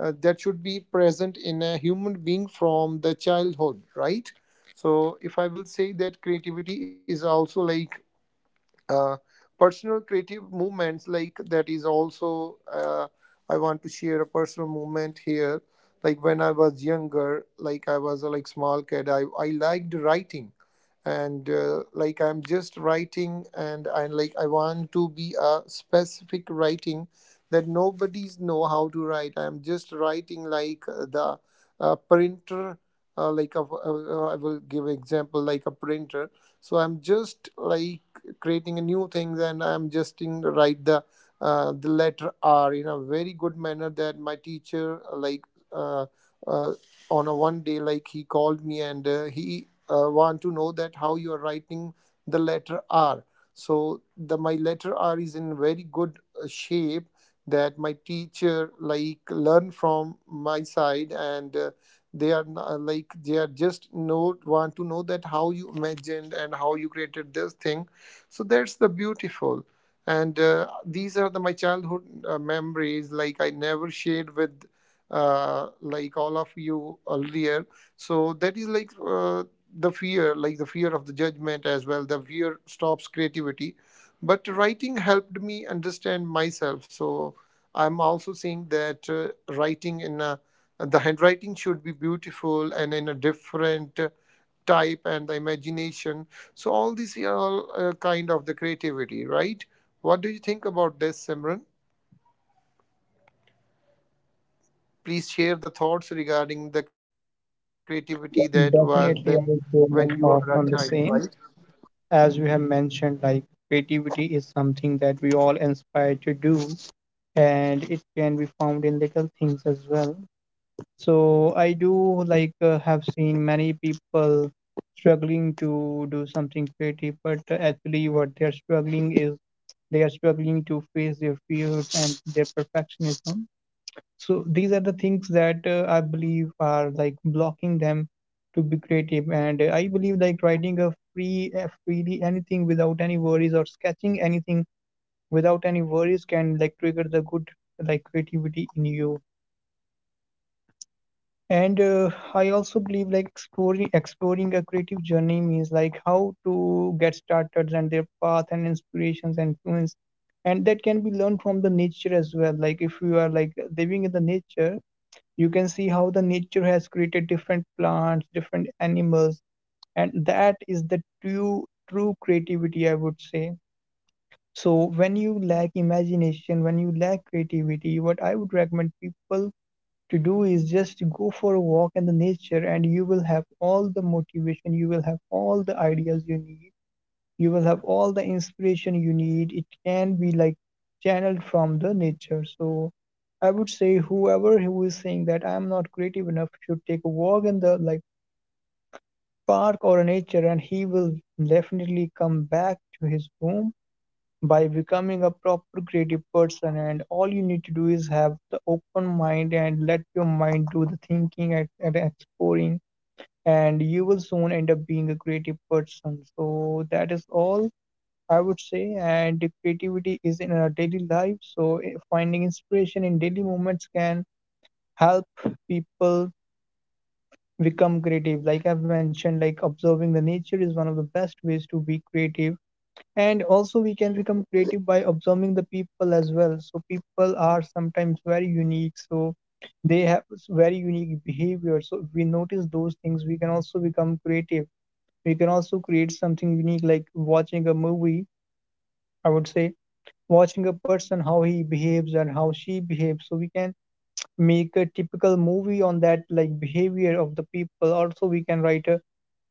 [SPEAKER 1] that should be present in a human being from the childhood, right? So if I will say that creativity is also like uh, personal creative movements, like that is also I want to share a personal movement here. Like when I was younger, like I was a like small kid, I liked writing. And like I'm just writing, and I like, I want to be a specific writing that nobody's know how to write. I'm just writing like the printer. I will give example like a printer. So I'm just like creating a new things, and I'm just in write the letter R in a very good manner. That my teacher uh, like uh, uh, on a one day, like he called me. And he want to know that how you are writing the letter R. So the my letter R is in very good shape, that my teacher like learn from my side. And they are like they are just know, want to know that how you imagined and how you created this thing. So that's the beautiful. And these are the my childhood memories, like I never shared with like all of you earlier. So that is like the fear, like the fear of the judgment as well. The fear stops creativity. But writing helped me understand myself. So I'm also saying that writing in a the handwriting should be beautiful and in a different type and the imagination. So all these are all kind of the creativity, right? What do you think about this, Simran? Please share the thoughts regarding the creativity that were then when
[SPEAKER 2] Definitely,
[SPEAKER 1] you
[SPEAKER 2] I will
[SPEAKER 1] are a
[SPEAKER 2] share my
[SPEAKER 1] child, right?
[SPEAKER 2] thoughts on the same. As you have mentioned, like creativity is something that we all inspire to do, and it can be found in little things as well. So I do like have seen many people struggling to do something creative, but actually what they are struggling is, they are struggling to face their fears and their perfectionism. So these are the things that I believe are like blocking them to be creative. And I believe like writing a freely anything without any worries or sketching anything without any worries can like trigger the good like creativity in you. And I also believe like exploring a creative journey means like how to get started and their path and inspirations and influence, and that can be learned from the nature as well. Like if you are like living in the nature, you can see how the nature has created different plants, different animals. And that is the true creativity, I would say. So when you lack imagination, when you lack creativity, what I would recommend people to do is just go for a walk in the nature, and you will have all the motivation, you will have all the ideas you need, you will have all the inspiration you need. It can be like channeled from the nature. So I would say whoever who is saying that I am not creative enough should take a walk in the like park or nature, and he will definitely come back to his home by becoming a proper creative person. And all you need to do is have the open mind and let your mind do the thinking and exploring, and you will soon end up being a creative person. So that is all I would say. And the creativity is in our daily life. So finding inspiration in daily moments can help people become creative. Like I've mentioned, like observing the nature is one of the best ways to be creative. And also, we can become creative by observing the people as well. So, people are sometimes very unique. So, they have very unique behavior. So, if we notice those things, we can also become creative. We can also create something unique, like watching a movie, I would say, watching a person, how he behaves and how she behaves. So, we can make a typical movie on that, like behavior of the people. Also, we can write a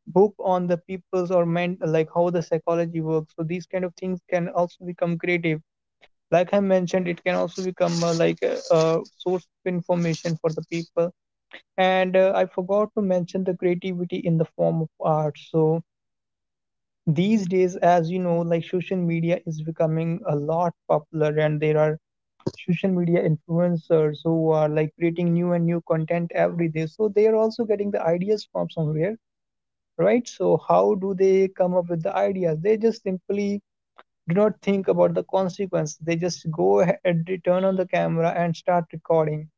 [SPEAKER 2] book on the people's or men, like how the psychology works. So these kind of things can also become creative. Like I mentioned, it can also become like a source of information for the people. And I forgot to mention the creativity in the form of art. So these days, as you know, like social media is becoming a lot popular, and there are social media influencers who are like creating new and new content every day. So they are also getting the ideas from somewhere, right? So, how do they come up with the ideas? They just simply do not think about the consequence. They just go ahead, turn on the camera, and start recording.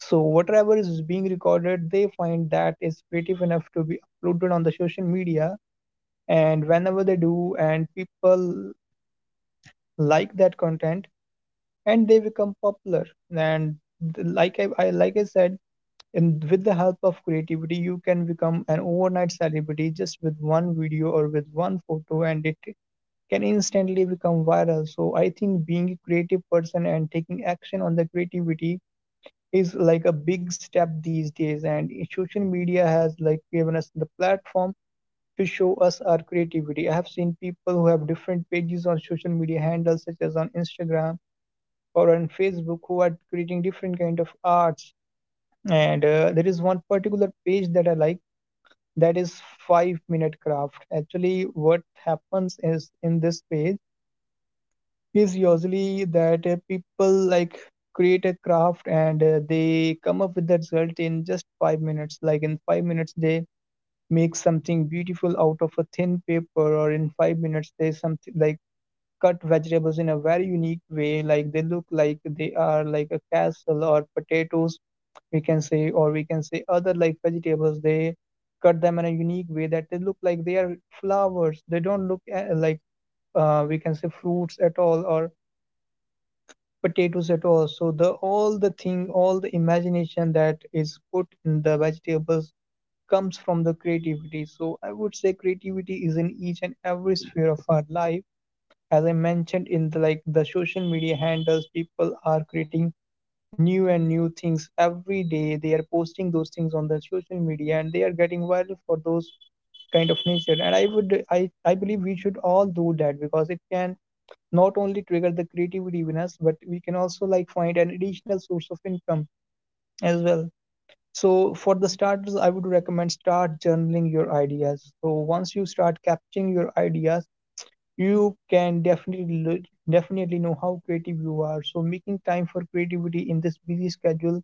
[SPEAKER 2] So, whatever is being recorded, they find that is creative enough to be uploaded on the social media. And whenever they do, and people like that content, and they become popular. And I said, and with the help of creativity, you can become an overnight celebrity just with one video or with one photo, and it can instantly become viral. So, I think being a creative person and taking action on the creativity is like a big step these days. And social media has like given us the platform to show us our creativity. I have seen people who have different pages on social media handles, such as on Instagram or on Facebook, who are creating different kind of arts and there is one particular page that I like, that is 5-minute craft. Actually, what happens is in this page is usually that people like create a craft, and they come up with the result in just 5 minutes. Like in 5 minutes they make something beautiful out of a thin paper, or in 5 minutes they something like cut vegetables in a very unique way, like they look like they are like a castle, or potatoes we can say, or we can say other like vegetables. They cut them in a unique way that they look like they are flowers. They don't look like we can say fruits at all, or potatoes at all. So the all the thing, all the imagination that is put in the vegetables comes from the creativity. So I would say creativity is in each and every sphere of our life. As I mentioned, in the like the social media handles, people are creating new and new things every day. They are posting those things on the social media and they are getting viral for those kind of nature. And I would I believe we should all do that, because it can not only trigger the creativity in us, but we can also like find an additional source of income as well. So for the starters, I would recommend start journaling your ideas. So once you start capturing your ideas, you can definitely know how creative you are. So making time for creativity in this busy schedule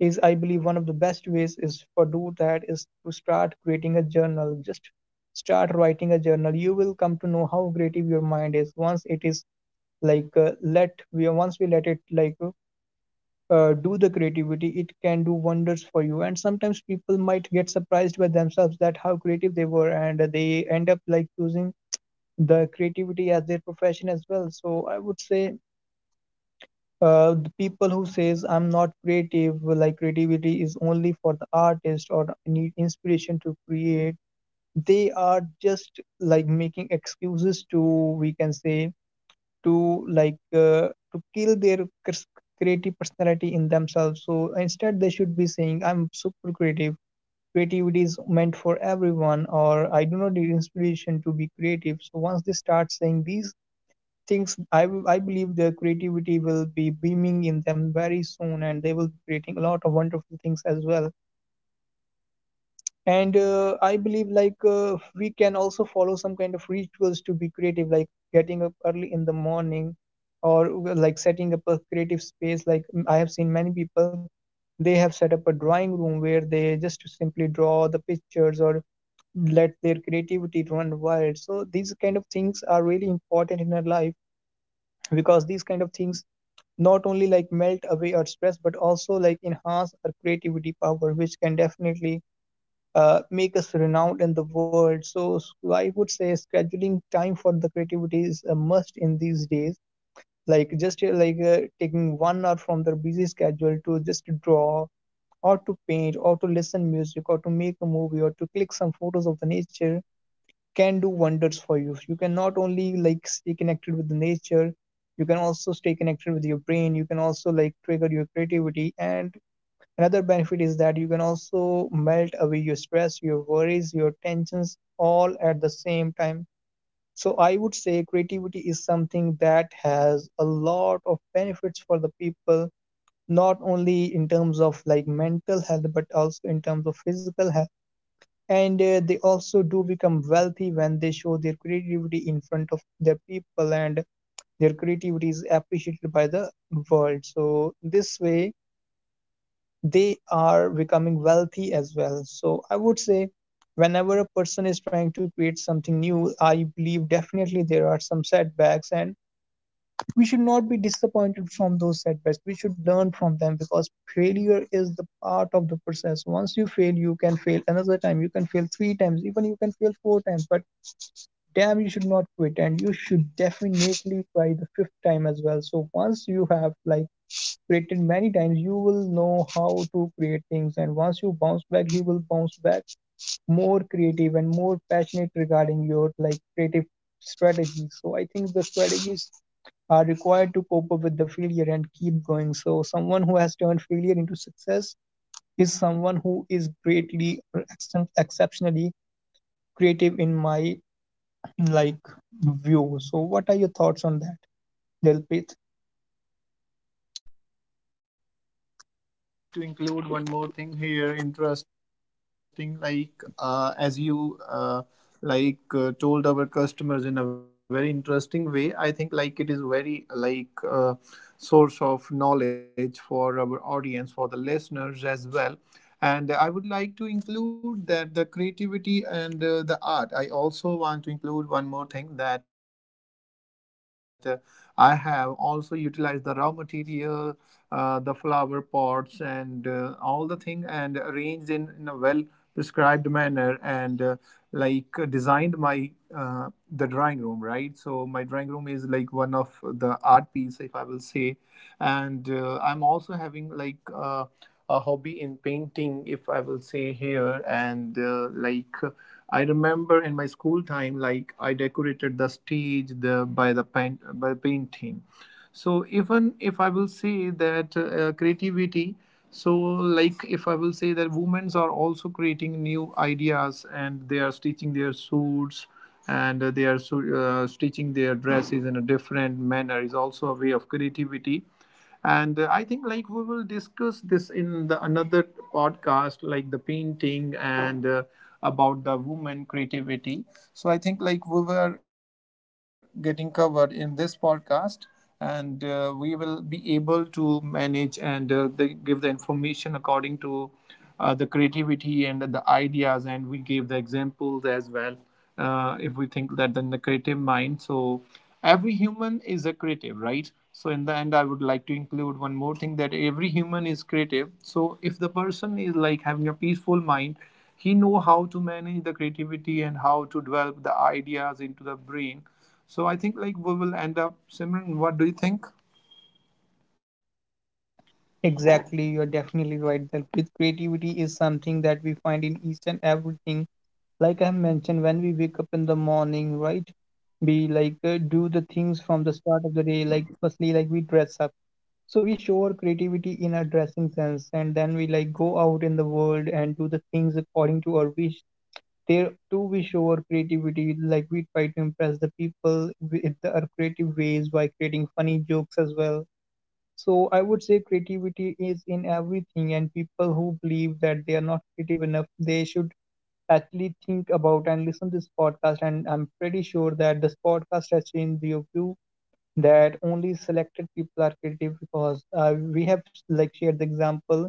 [SPEAKER 2] is, I believe, one of the best ways is for do that is to start creating a journal. Just start writing a journal. You will come to know how creative your mind is once it is let we once we let it do the creativity. It can do wonders for you. And sometimes people might get surprised by themselves that how creative they were, and they end up like using the creativity as their profession as well. So I would say the people who says I'm not creative, like creativity is only for the artist or need inspiration to create, they are just like making excuses to, we can say, to to kill their cres- creative personality in themselves. So instead they should be saying I'm super creative, creativity is meant for everyone, or I do not need inspiration to be creative. So once they start saying these thinks, I believe their creativity will be beaming in them very soon and they will be creating a lot of wonderful things as well. And I believe we can also follow some kind of rituals to be creative, like getting up early in the morning, or like setting up a creative space. I have seen many people, they have set up a drawing room where they just simply draw the pictures or let their creativity run wild. So these kind of things are really important in our life, because these kind of things not only like melt away our stress, but also like enhance our creativity power, which can definitely make us renowned in the world. So I would say scheduling time for the creativity is a must in these days. Like taking 1 hour from their busy schedule to just draw, or to paint, or to listen music, or to make a movie, or to click some photos of the nature can do wonders for you. You can not only like stay connected with the nature, you can also stay connected with your brain, you can also like trigger your creativity, and another benefit is that you can also melt away your stress, your worries, your tensions, all at the same time. So I would say creativity is something that has a lot of benefits for the people, not only in terms of like mental health, but also in terms of physical health. And they also do become wealthy when they show their creativity in front of their people, and their creativity is appreciated by the world. So this way they are becoming wealthy as well. So I would say whenever a person is trying to create something new, I believe definitely there are some setbacks, and we should not be disappointed from those setbacks. We should learn from them, because failure is the part of the process. Once you fail, you can fail another time, you can fail three times, even you can fail four times, but damn, you should not quit, and you should definitely try the fifth time as well. So once you have like created many times, you will know how to create things, and once you bounce back, you will bounce back more creative and more passionate regarding your like creative strategies. So I think the strategies are required to cope up with the failure and keep going. So someone who has turned failure into success is someone who is greatly or exceptionally creative in my like view. So what are your thoughts on that, Dilpreet?
[SPEAKER 1] Exactly, Simran. I would like to include one more thing here. Interesting, like as you like told our customers in a very interesting way. I think like it is very like source of knowledge for our audience, for the listeners as well. And I would like to include that the creativity and the art. I also want to include one more thing that I have also utilized the raw material, the flower pots, and all the thing, and arranged in a well prescribed manner. And like designed my uh, the drawing room, right? So my drawing room is like one of the art piece, if I will say. And I'm also having like a hobby in painting, if I will say here. And like I remember, in my school time, like I decorated the stage the by the paint, by painting. So even if I will say that creativity. So like, if I will say that women are also creating new ideas, and they are stitching their suits. And they are stitching their dresses in a different manner is also a way of creativity. And I think like, we will discuss this in the another podcast, like the painting, and about the woman creativity. So I think like, we were getting covered in this podcast. And we will be able to manage, and they give the information according to the creativity and the ideas, and we gave the examples as well. If we think that, then the creative mind. So every human is a creative, right? So in the end, I would like to include one more thing, that every human is creative. So if the person is like having a peaceful mind, he know how to manage the creativity and how to develop the ideas into the brain. So I think like we will end up, Simran. What do you think?
[SPEAKER 2] Exactly, you're definitely right. Dilpreet, creativity is something that we find in each and everything, like I mentioned, when we wake up in the morning, right? We like do the things from the start of the day, like firstly, like we dress up. So we show our creativity in our dressing sense, and then we like go out in the world and do the things according to our wish. There too, we show our creativity, like we try to impress the people with our creative ways by creating funny jokes as well. So I would say creativity is in everything, and people who believe that they are not creative enough, they should actually think about and listen to this podcast, and I'm pretty sure that this podcast has changed your view that only selected people are creative. Because we have like shared the example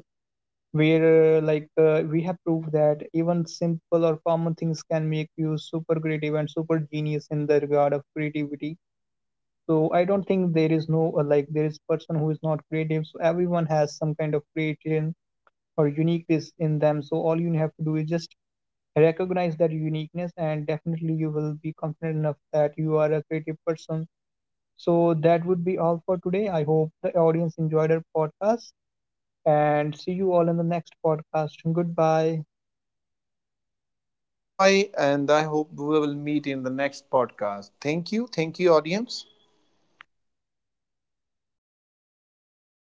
[SPEAKER 2] where we have proved that even simple or common things can make you super creative and super genius in the regard of creativity. So I don't think there is no like there is person who is not creative. So everyone has some kind of creation or uniqueness in them. So all you have to do is just recognize that uniqueness, and definitely you will be confident enough that you are a creative person. So that would be all for today. I hope the audience enjoyed our podcast, and see you all in the next podcast. Goodbye.
[SPEAKER 1] Bye bye. And I hope we will meet in the next podcast. Thank you, thank you audience.